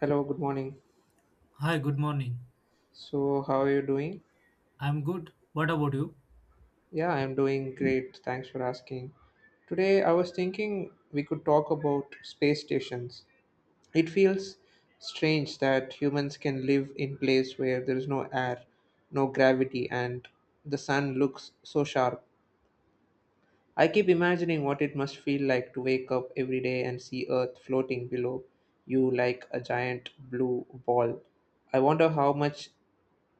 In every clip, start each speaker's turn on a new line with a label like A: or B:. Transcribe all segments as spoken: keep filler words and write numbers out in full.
A: Hello, good morning.
B: Hi, good morning.
A: So, how are you doing?
B: I'm good. What about you?
A: Yeah, I'm doing great. Thanks for asking. Today, I was thinking we could talk about space stations. It feels strange that humans can live in place where there is no air, no gravity, and the sun looks so sharp. I keep imagining what it must feel like to wake up every day and see Earth floating below you like a giant blue ball. I wonder how much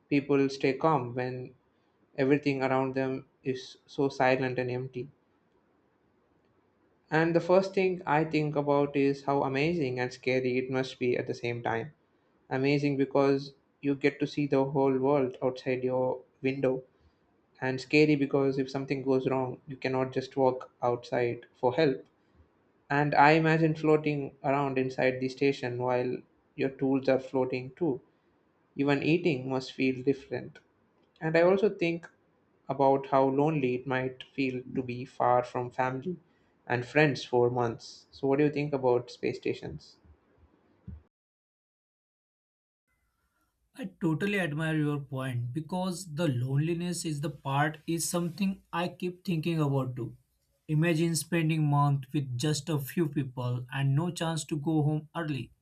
A: people stay calm when everything around them is so silent and empty. And the first thing I think about is how amazing and scary it must be at the same time. Amazing because you get to see the whole world outside your window, and scary because if something goes wrong, you cannot just walk outside for help. And I imagine floating around inside the station while your tools are floating too. Even eating must feel different. And I also think about how lonely it might feel to be far from family and friends for months. So, what do you think about space stations?
B: I totally admire your point because the loneliness is the part is something I keep thinking about too. Imagine spending month with just a few people and no chance to go home early.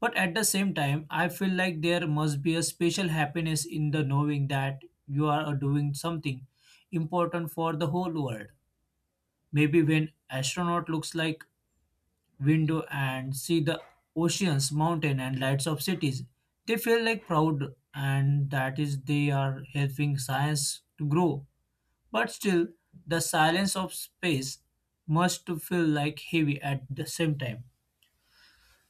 B: But at the same time, I feel like there must be a special happiness in the knowing that you are doing something important for the whole world. Maybe when astronaut looks like window and see the oceans, mountain and lights of cities. They feel like proud and that is they are helping science to grow. But still the silence of space must feel like heavy at the same time.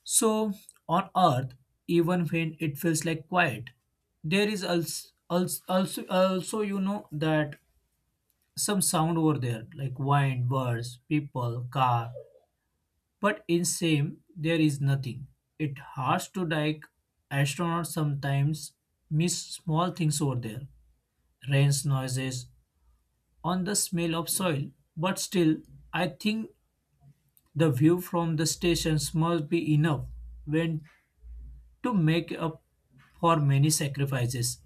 B: So on earth even when it feels like quiet there is also also, also you know that some sound over there like wind birds people car but in same, there is nothing. It hurts to like astronauts sometimes miss small things over there. Rain's noises on the smell of soil. But still, I think the view from the stations must be enough when to make up for many sacrifices.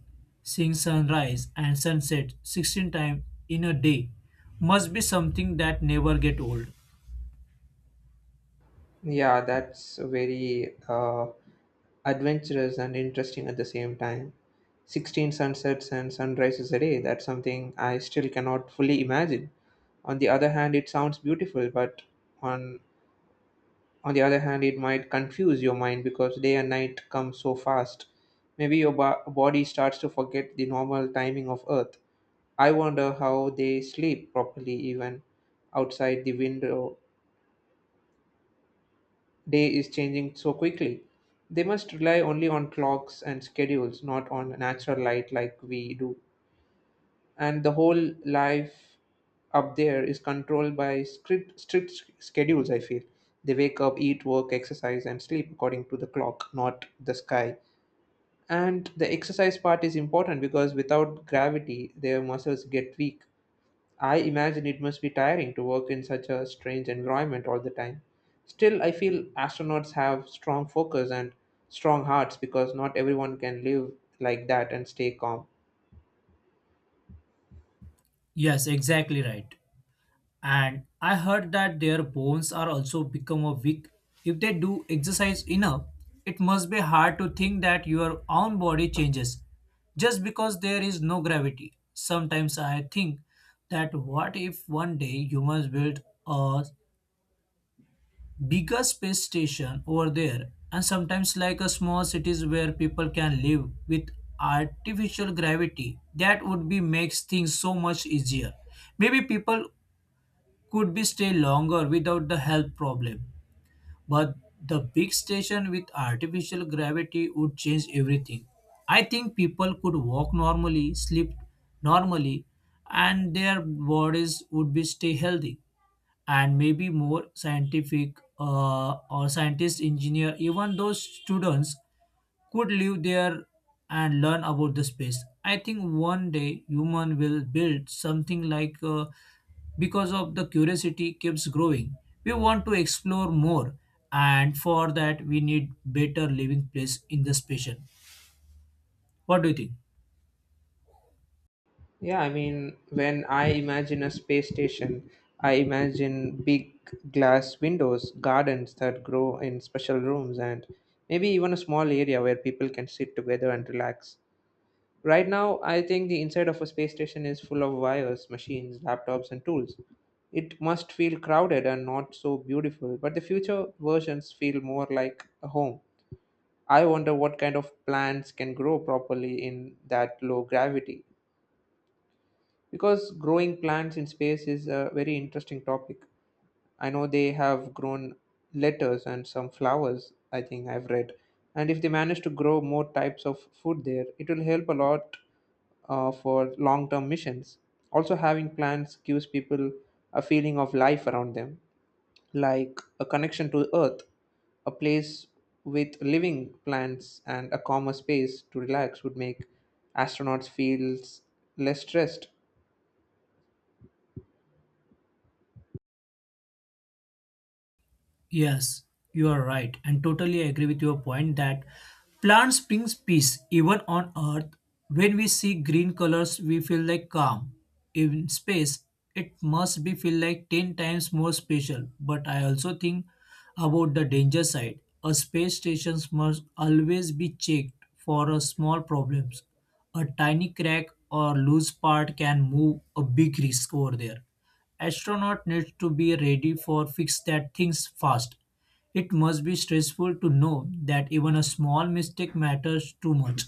B: Seeing sunrise and sunset sixteen times in a day must be something that never get old.
A: Yeah, that's very uh, adventurous and interesting at the same time. sixteen sunsets and sunrises a day, that's something I still cannot fully imagine. On the other hand, it sounds beautiful, but on On the other hand, it might confuse your mind because day and night come so fast. Maybe your bo- body starts to forget the normal timing of Earth. I wonder how they sleep properly even outside the window. Day is changing so quickly. They must rely only on clocks and schedules, not on natural light like we do. And the whole life up there is controlled by strict strict schedules, I feel. They wake up, eat, work, exercise, and sleep according to the clock, not the sky. And the exercise part is important because without gravity their muscles get weak. I imagine it must be tiring to work in such a strange environment all the time. Still, I feel astronauts have strong focus and strong hearts because not everyone can live like that and stay calm.
B: Yes, exactly right. And I heard that their bones are also become a weak if they do exercise enough. It must be hard to think that your own body changes just because there is no gravity. Sometimes I think that what if one day humans build a bigger space station over there and sometimes like a small cities where people can live with artificial gravity that would be makes things so much easier. Maybe people could be stay longer without the health problem. But the big station with artificial gravity would change everything. I think people could walk normally, sleep normally, and their bodies would be stay healthy and maybe more scientific uh, or scientist engineer even those students could live there and learn about the space. I think one day human will build something like uh, because of the curiosity keeps growing. We want to explore more and for that we need better living place in the station. What do you think?
A: Yeah, I mean, when I imagine a space station, I imagine big glass windows, gardens that grow in special rooms, and maybe even a small area where people can sit together and relax. Right now, I think the inside of a space station is full of wires, machines, laptops, and tools. It must feel crowded and not so beautiful, but the future versions feel more like a home. I wonder what kind of plants can grow properly in that low gravity because growing plants in space is a very interesting topic. I know they have grown letters and some flowers, I think I've read. And if they manage to grow more types of food there, it will help a lot uh, for long term missions. Also, having plants gives people a feeling of life around them, like a connection to Earth, a place with living plants, and a calmer space to relax would make astronauts feel less stressed.
B: Yes, you are right, and totally agree with your point that plants brings peace even on earth. When we see green colors, we feel like calm. In space, it must be feel like ten times more special. But I also think about the danger side. A space station must always be checked for a small problems. A tiny crack or loose part can move a big risk over there. Astronaut needs to be ready for fix that things fast. It must be stressful to know that even a small mistake matters too much.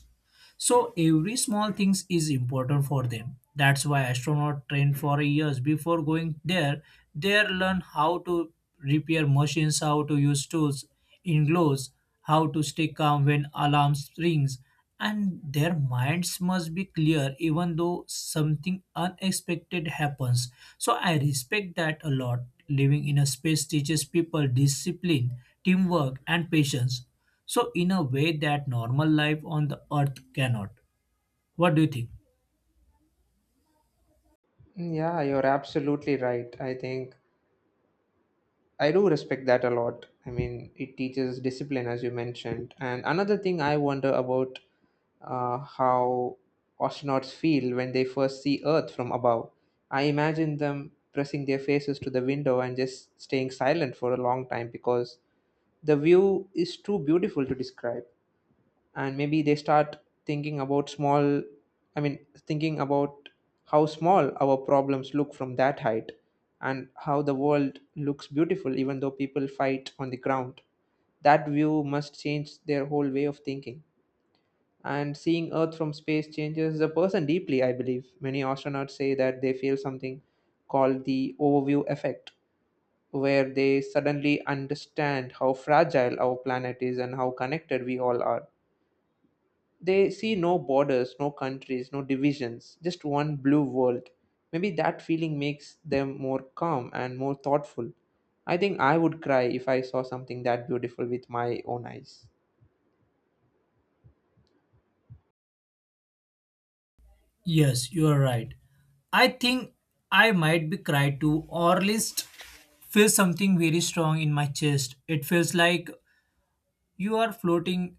B: So every small things is important for them. That's why astronaut train for years before going there. They learn how to repair machines, how to use tools in gloves, how to stay calm when alarms rings, and their minds must be clear even though something unexpected happens. So I respect that a lot. Living in a space teaches people discipline, teamwork, and patience. So, in a way that normal life on the earth cannot. What do you think?
A: Yeah, you're absolutely right. I think I do respect that a lot. I mean, it teaches discipline, as you mentioned. And another thing I wonder about uh, how astronauts feel when they first see Earth from above. I imagine them pressing their faces to the window and just staying silent for a long time because the view is too beautiful to describe. And maybe they start thinking about small i mean thinking about how small our problems look from that height and how the world looks beautiful even though people fight on the ground. That view must change their whole way of thinking. And seeing Earth from space changes the person deeply. I believe many astronauts say that they feel something called the overview effect, where they suddenly understand how fragile our planet is and how connected we all are. They see no borders, no countries, no divisions, just one blue world. Maybe that feeling makes them more calm and more thoughtful. I think I would cry if I saw something that beautiful with my own eyes.
B: Yes, you are right. I think I might be cried to or at least feel something very strong in my chest. It feels like you are floating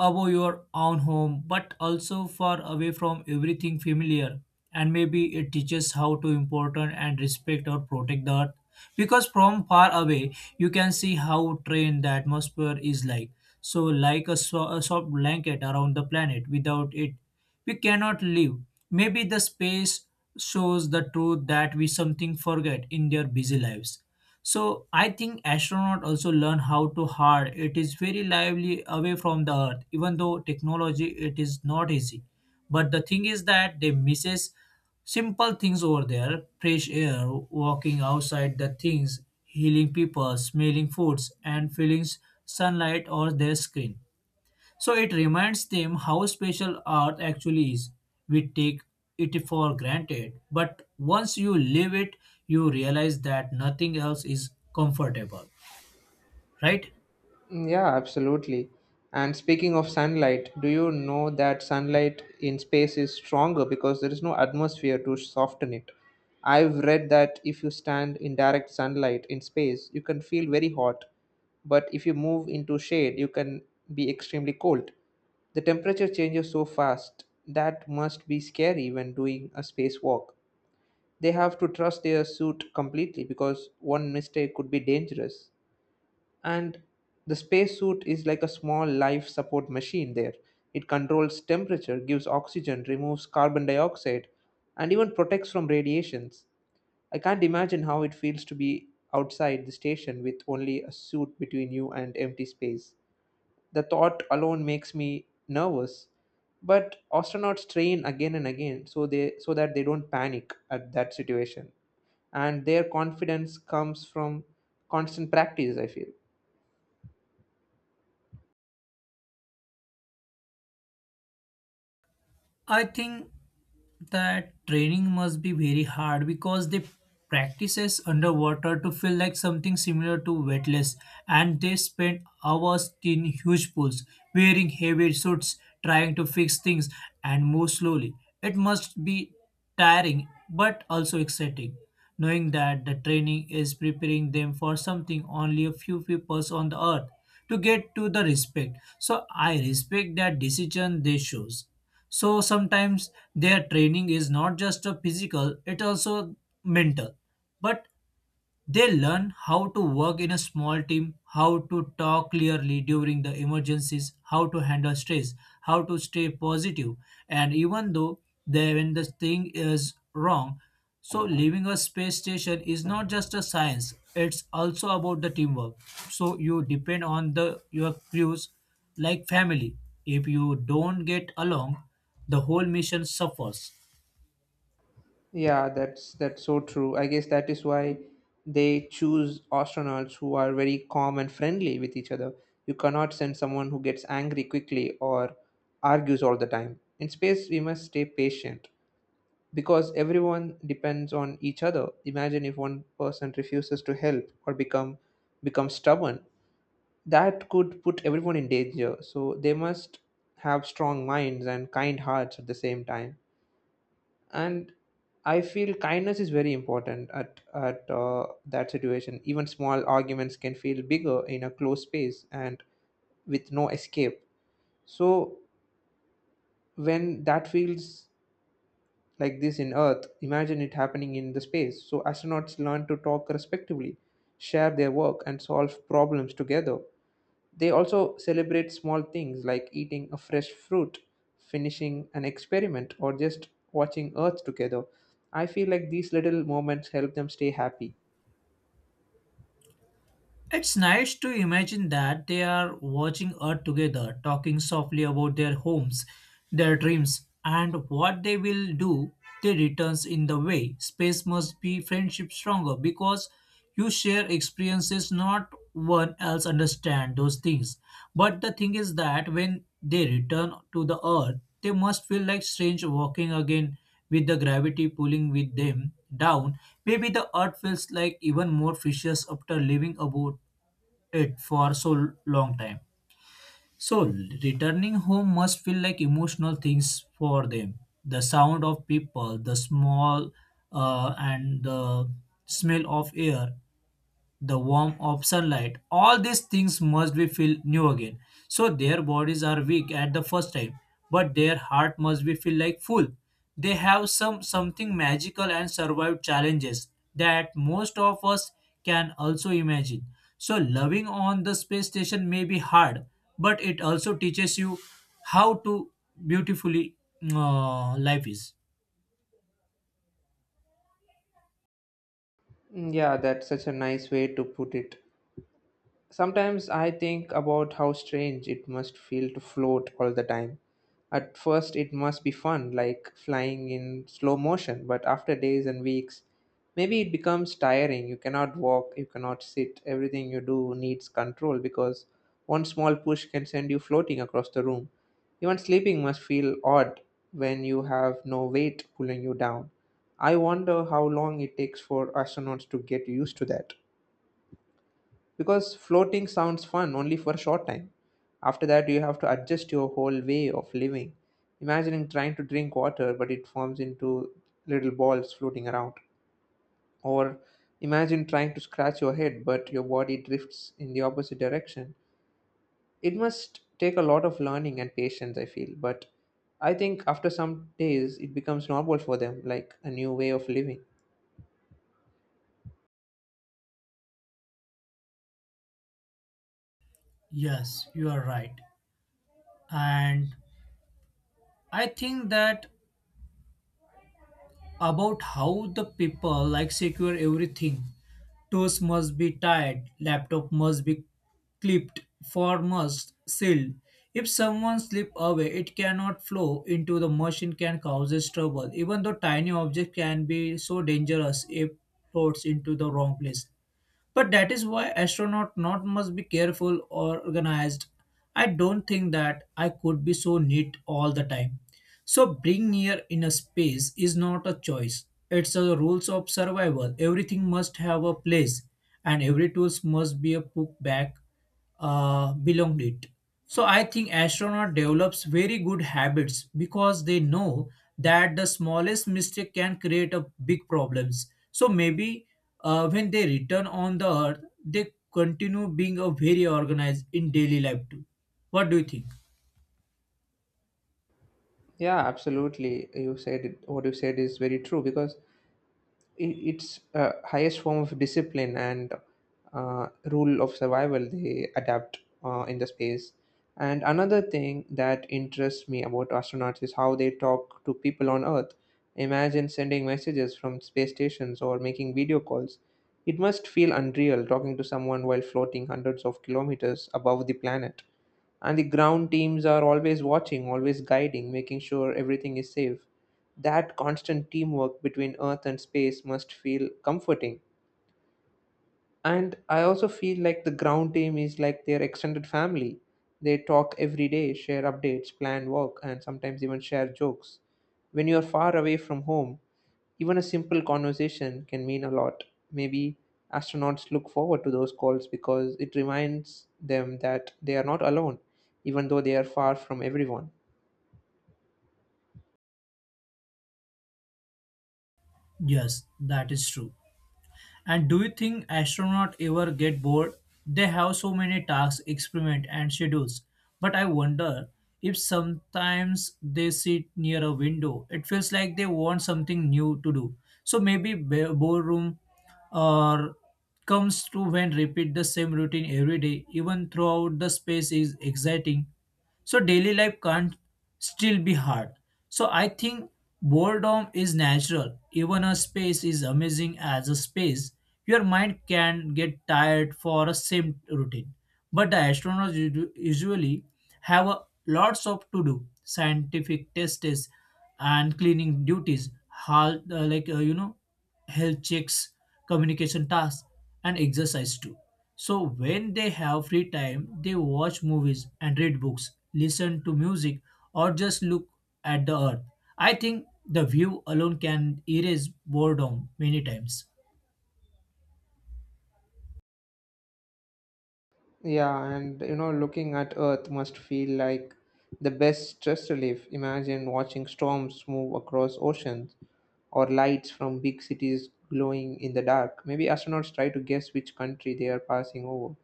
B: above your own home, but also far away from everything familiar. And maybe it teaches how to important and respect or protect the earth. Because from far away, you can see how trained the atmosphere is like. So, like a, so- a soft blanket around the planet, without it, we cannot live. Maybe the space shows the truth that we something forget in their busy lives. So I think astronauts also learn how to hard. It is very lively away from the Earth, even though technology it is not easy. But the thing is that they misses simple things over there: fresh air, walking outside the things, healing people, smelling foods, and feeling sunlight or their screen. So it reminds them how special art actually is. We take it for granted, but once you live it, you realize that nothing else is comfortable, right?
A: Mm, yeah, absolutely. And speaking of sunlight, do you know that sunlight in space is stronger because there is no atmosphere to soften it? I've read that if you stand in direct sunlight in space, you can feel very hot, but if you move into shade, you can be extremely cold. The temperature changes so fast that must be scary when doing a spacewalk. They have to trust their suit completely because one mistake could be dangerous, and the spacesuit is like a small life support machine there. It controls temperature, gives oxygen, removes carbon dioxide, and even protects from radiations. I can't imagine how it feels to be outside the station with only a suit between you and empty space. The thought alone makes me nervous. But astronauts train again and again so they so that they don't panic at that situation. And their confidence comes from constant practice, I feel.
B: I think that training must be very hard because they practices underwater to feel like something similar to wetlands and they spend hours in huge pools wearing heavy suits trying to fix things and move slowly. It must be tiring but also exciting knowing that the training is preparing them for something only a few people on the earth to get to the respect. So I respect that decision they chose. So sometimes their training is not just a physical, it also mental. But they learn how to work in a small team, how to talk clearly during the emergencies, how to handle stress, how to stay positive, and even though they, when the thing is wrong, so leaving a space station is not just a science; it's also about the teamwork. So you depend on the your crews like family. If you don't get along, the whole mission suffers.
A: Yeah, that's that's so true. I guess that is why they choose astronauts who are very calm and friendly with each other. You cannot send someone who gets angry quickly or argues all the time. In space, we must stay patient because everyone depends on each other. Imagine if one person refuses to help or become becomes stubborn. That could put everyone in danger. So they must have strong minds and kind hearts at the same time. And I feel kindness is very important at at uh, that situation. Even small arguments can feel bigger in a closed space and with no escape. So when that feels like this in Earth, imagine it happening in the space. So astronauts learn to talk respectively, share their work, and solve problems together. They also celebrate small things like eating a fresh fruit, finishing an experiment, or just watching Earth together. I feel like these little moments help them stay happy.
B: It's nice to imagine that they are watching Earth together, talking softly about their homes, their dreams, and what they will do. They returns in the way. Space must be friendship stronger because you share experiences not one else understand those things. But the thing is that when they return to the earth, they must feel like strange walking again with the gravity pulling with them down, maybe the earth feels like even more precious after living about it for so long time. So returning home must feel like emotional things for them. The sound of people, the small uh, and the smell of air, the warmth of sunlight all these things must be feel new again. So their bodies are weak at the first time, but their heart must be feel like full. They have some something magical and survive challenges that most of us can also imagine. So loving on the space station may be hard, but it also teaches you how to beautifully uh, life is.
A: Mm, yeah, that's such a nice way to put it. Sometimes I think about how strange it must feel to float all the time. At first, it must be fun, like flying in slow motion, but after days and weeks, maybe it becomes tiring. You cannot walk, you cannot sit, everything you do needs control because one small push can send you floating across the room. Even sleeping must feel odd when you have no weight pulling you down. I wonder how long it takes for astronauts to get used to that because floating sounds fun only for a short time. After that, you have to adjust your whole way of living. Imagining trying to drink water, but it forms into little balls floating around. Or imagine trying to scratch your head, but your body drifts in the opposite direction. It must take a lot of learning and patience, I feel, but I think after some days it becomes normal for them, like a new way of living.
B: Yes, you are right. And I think that about how the people like secure everything. Toes must be tied, laptop must be clipped, form must sealed. If someone slip away, it cannot flow into the machine can causes trouble. Even though tiny object can be so dangerous if floats into the wrong place. But that is why astronaut not must be careful or organized. I don't think that I could be so neat all the time. So being near in a space is not a choice. It's a rules of survival. Everything must have a place and every tools must be a put back uh, belonged it. So I think astronaut develops very good habits because they know that the smallest mistake can create a big problems. So maybe uh, when they return on the earth, they continue being a very organized in daily life too. What do you think?
A: Yeah, absolutely. You said it, what you said is very true because i- it's a highest form of discipline and uh, rule of survival they adapt uh, in the space. And another thing that interests me about astronauts is how they talk to people on Earth. Imagine sending messages from space stations or making video calls. It must feel unreal talking to someone while floating hundreds of kilometers above the planet. And the ground teams are always watching, always guiding, making sure everything is safe. That constant teamwork between Earth and space must feel comforting. And I also feel like the ground team is like their extended family. They talk every day, share updates, plan work, and sometimes even share jokes. When you are far away from home, even a simple conversation can mean a lot. Maybe astronauts look forward to those calls because it reminds them that they are not alone, even though they are far from everyone.
B: Yes, that is true. And do you think astronauts ever get bored? They have so many tasks, experiments, and schedules. But I wonder if sometimes they sit near a window. It feels like they want something new to do. So maybe ba- boredom or comes to when repeat the same routine every day, even throughout the space is exciting. So daily life can't still be hard. So I think boredom is natural. Even a space is amazing as a space. Your mind can get tired for a same routine. But the astronauts usu- usually have a, lots of to do, scientific tests and cleaning duties, hal- uh, like uh, you know health checks, communication tasks, and exercise too. So when they have free time, they watch movies and read books, listen to music, or just look at the earth. I think the view alone can erase boredom many times.
A: Yeah, and you know, looking at Earth must feel like the best stress relief. Imagine watching storms move across oceans or lights from big cities glowing in the dark. Maybe astronauts try to guess which country they are passing over.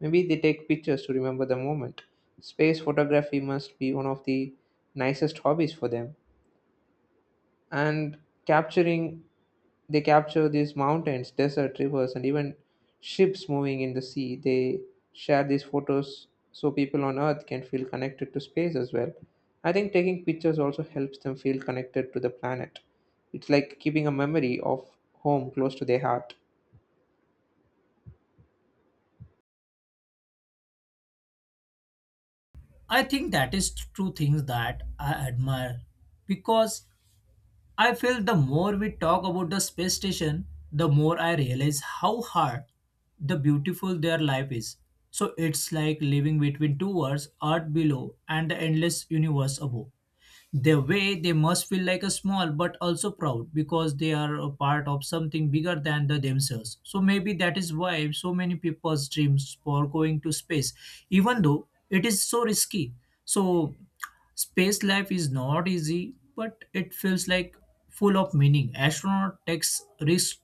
A: Maybe they take pictures to remember the moment. Space photography must be one of the nicest hobbies for them. And capturing they capture these mountains, desert rivers, and even ships moving in the sea. They share these photos so people on Earth can feel connected to space as well. I think taking pictures also helps them feel connected to the planet. It's like keeping a memory of home close to their heart.
B: I think that is two things that I admire because I feel the more we talk about the space station, the more I realize how hard the beautiful their life is. So it's like living between two worlds, Earth below and the endless universe above. The way they must feel like a small but also proud because they are a part of something bigger than the themselves. So maybe that is why so many people's dreams for going to space even though it is so risky. So space life is not easy but it feels like full of meaning. Astronaut takes risk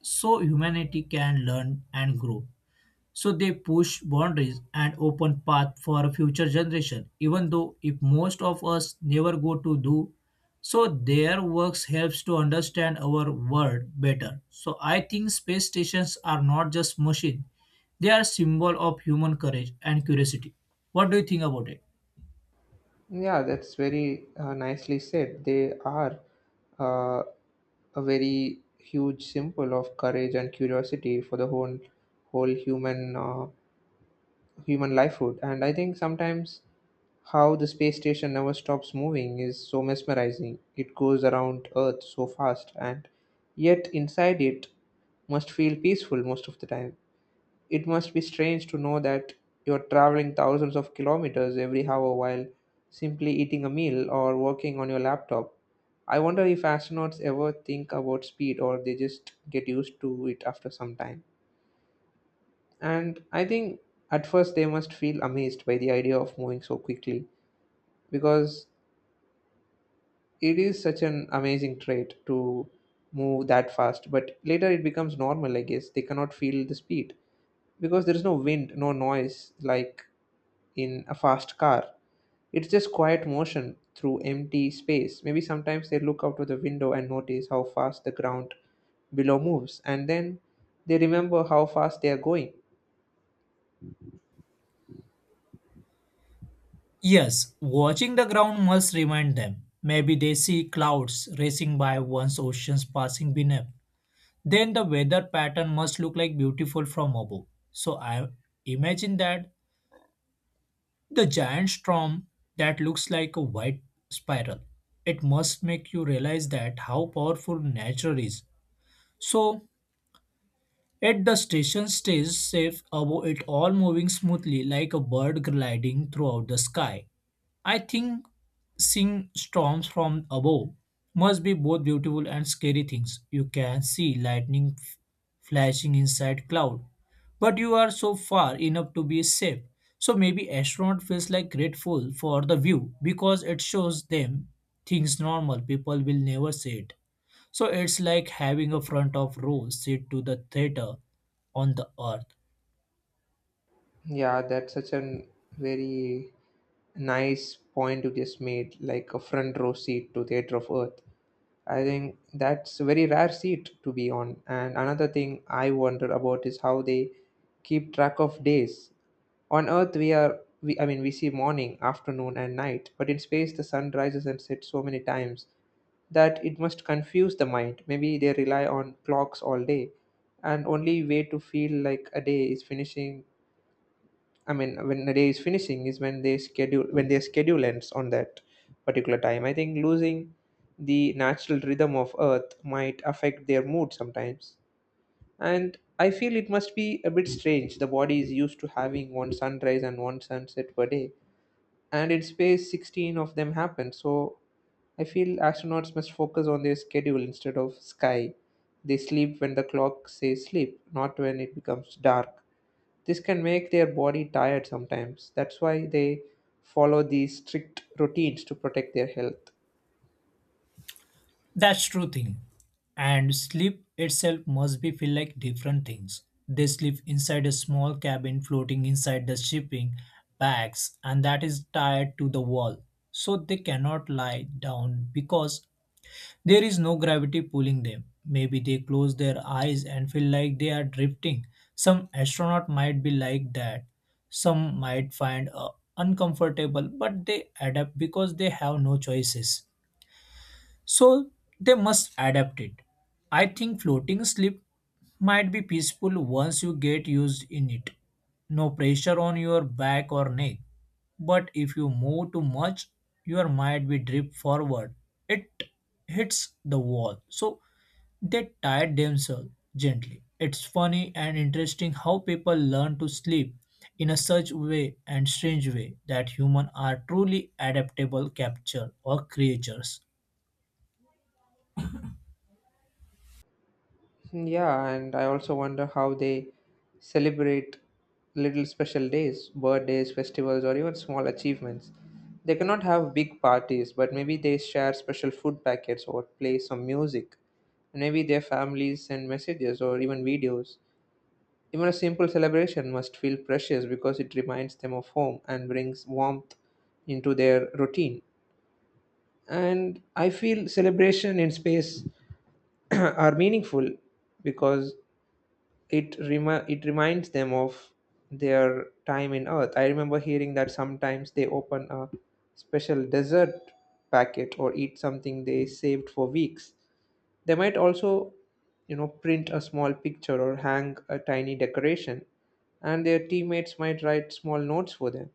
B: so humanity can learn and grow. So they push boundaries and open path for future generation, even though if most of us never go to do. So their works helps to understand our world better. So I think space stations are not just machine; they are symbol of human courage and curiosity. What do you think about it?
A: Yeah, that's very uh, nicely said. They are uh, a very huge symbol of courage and curiosity for the whole whole human uh, human lifehood. And I think sometimes how the space station never stops moving is so mesmerizing. It goes around Earth so fast, and yet inside it must feel peaceful most of the time. It must be strange to know that you're traveling thousands of kilometers every hour while simply eating a meal or working on your laptop. I wonder if astronauts ever think about speed or they just get used to it after some time. And I think at first they must feel amazed by the idea of moving so quickly because it is such an amazing trait to move that fast. But later it becomes normal, I guess. They cannot feel the speed because there is no wind, no noise like in a fast car. It's just quiet motion through empty space. Maybe sometimes they look out of the window and notice how fast the ground below moves, and then they remember how fast they are going.
B: Yes, watching the ground must remind them. Maybe they see clouds racing by once oceans passing beneath. Then the weather pattern must look like beautiful from above. So I imagine that the giant storm that looks like a white spiral. It must make you realize that how powerful nature is. So at the station stays safe above it all moving smoothly like a bird gliding throughout the sky. I think seeing storms from above must be both beautiful and scary things. You can see lightning f- flashing inside cloud, but you are so far enough to be safe. So maybe astronaut feels like grateful for the view because it shows them things normal people will never see it. So it's like having a front of row seat to the theater on the earth.
A: Yeah, that's such an very nice point you just made, like a front row seat to Theatre of Earth. I think that's a very rare seat to be on. And another thing I wonder about is how they keep track of days. On Earth, we are, we, I mean, we see morning, afternoon, and night, but in space, the sun rises and sets so many times that it must confuse the mind. Maybe they rely on clocks all day, and only way to feel like a day is finishing, I mean, when the day is finishing is when they schedule when their schedule ends on that particular time. I think losing the natural rhythm of Earth might affect their mood sometimes, and I feel it must be a bit strange. The body is used to having one sunrise and one sunset per day, and in space, sixteen of them happen. So I feel astronauts must focus on their schedule instead of sky. They sleep when the clock says sleep, not when it becomes dark. This can make their body tired sometimes. That's why they follow these strict routines to protect their health.
B: That's true thing. And sleep itself must be feel like different things. They sleep inside a small cabin floating inside the shipping bags and that is tied to the wall. So they cannot lie down because there is no gravity pulling them. Maybe they close their eyes and feel like they are drifting. Some astronaut might be like that. Some might find uh, uncomfortable, but they adapt because they have no choices. So they must adapt it. I think floating sleep might be peaceful once you get used in it. No pressure on your back or neck. But if you move too much, your mind will drift forward. It hits the wall. So they tired themselves gently. It's funny and interesting how people learn to sleep in a such way and strange way that humans are truly adaptable capture or creatures.
A: Yeah, and I also wonder how they celebrate little special days, birthdays, festivals, or even small achievements. They cannot have big parties, but maybe they share special food packets or play some music. And maybe their families send messages or even videos. Even a simple celebration must feel precious because it reminds them of home and brings warmth into their routine. And I feel celebration in space are meaningful because it remi- it reminds them of their time in Earth. I remember hearing that sometimes they open a special dessert packet or eat something they saved for weeks. They might also, you know, print a small picture or hang a tiny decoration, and their teammates might write small notes for them.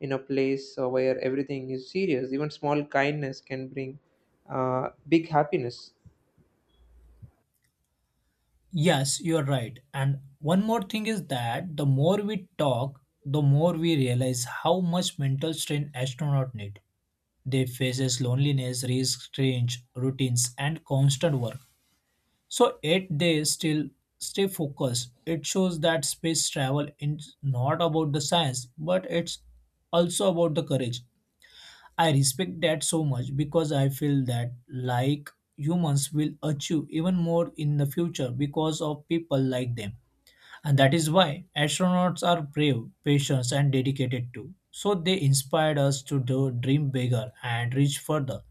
A: In a place uh, where everything is serious, even small kindness can bring uh, big happiness.
B: Yes, you're right. And one more thing is that the more we talk, the more we realize how much mental strain astronauts need. They faces loneliness, risk, strange routines, and constant work. So yet they still stay focused. It shows that space travel is not about the science, but it's also about the courage. I respect that so much because I feel that like humans will achieve even more in the future because of people like them. And that is why astronauts are brave, patient, and dedicated too. So they inspired us to do, dream bigger and reach further.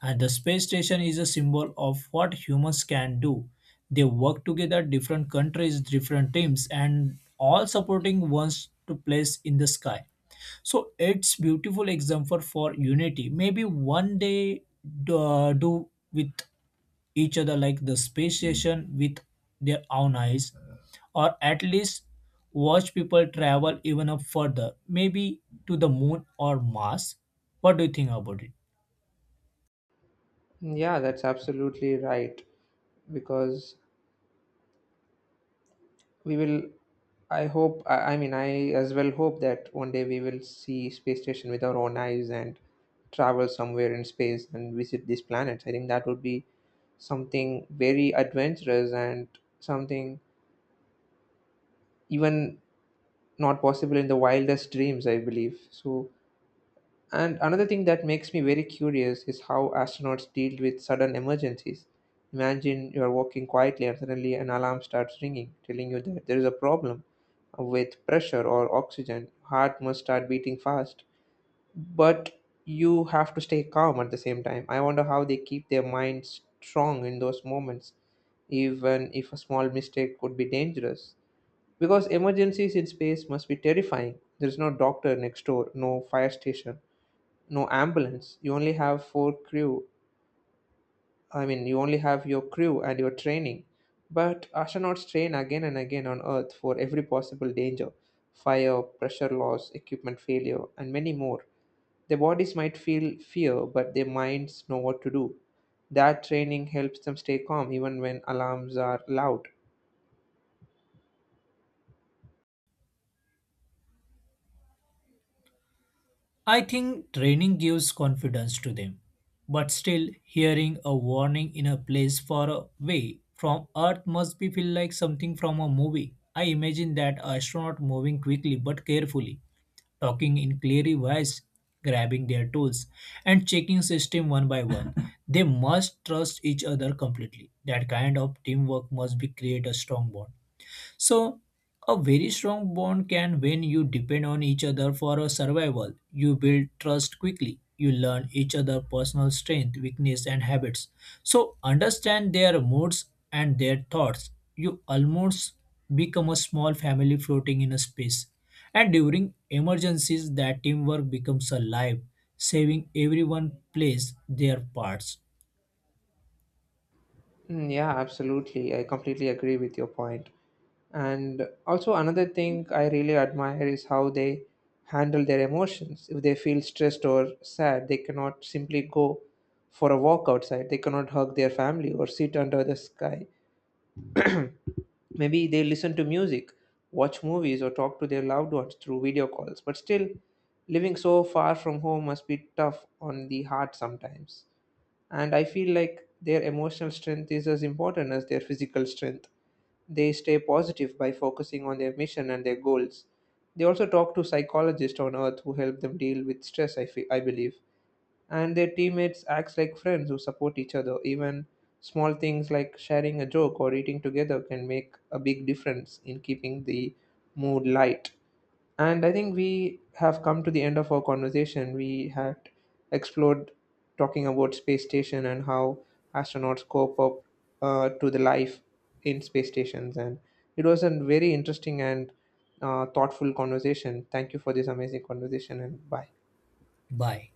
B: And the space station is a symbol of what humans can do. They work together, different countries, different teams, and all supporting ones to place in the sky, so it's beautiful example for unity maybe one day do, uh, do with each other like the space station with their own eyes, or at least watch people travel even up further, maybe to the moon or mars. What do you think about it?
A: Mm, yeah, that's absolutely right. Because we will I hope I I mean, I as well hope that one day we will see space station with our own eyes and travel somewhere in space and visit these planets. I think that would be something very adventurous and something even not possible in the wildest dreams, I believe so. And another thing that makes me very curious is how astronauts deal with sudden emergencies. Imagine you are walking quietly and suddenly an alarm starts ringing, telling you that there is a problem with pressure or oxygen. Heart must start beating fast, but you have to stay calm at the same time. I wonder how they keep their minds strong in those moments, even if a small mistake could be dangerous. Because emergencies in space must be terrifying. There is no doctor next door, no fire station, no ambulance. You only have four crew i mean you only have your crew and your training. But astronauts train again and again on Earth for every possible danger: fire, pressure loss, equipment failure, and many more. Their bodies might feel fear, but their minds know what to do. That training helps them stay calm even when alarms are loud.
B: I think training gives confidence to them, but still hearing a warning in a place far away from Earth must be feel like something from a movie. I imagine that astronaut moving quickly but carefully, talking in clear voice, grabbing their tools, and checking system one by one. They must trust each other completely. That kind of teamwork must be create a strong bond. So, a very strong bond can when you depend on each other for a survival. You build trust quickly. You learn each other personal strength, weakness, and habits. So, understand their moods and their thoughts. You almost become a small family floating in a space. And during emergencies, that teamwork becomes alive, saving everyone plays their parts.
A: Mm, yeah, absolutely. I completely agree with your point. And also, another thing I really admire is how they handle their emotions. If they feel stressed or sad, they cannot simply go for a walk outside, they cannot hug their family or sit under the sky. Maybe they listen to music, watch movies, or talk to their loved ones through video calls. But still, living so far from home must be tough on the heart sometimes, and I feel like their emotional strength is as important as their physical strength. They stay positive by focusing on their mission and their goals. They also talk to psychologists on Earth who help them deal with stress, i, feel, I believe, and their teammates act like friends who support each other. Even small things like sharing a joke or eating together can make a big difference in keeping the mood light. And I think we have come to the end of our conversation. We had explored talking about space station and how astronauts cope up uh, to the life in space stations. And it was a very interesting and uh, thoughtful conversation. Thank you for this amazing conversation and bye.
B: Bye.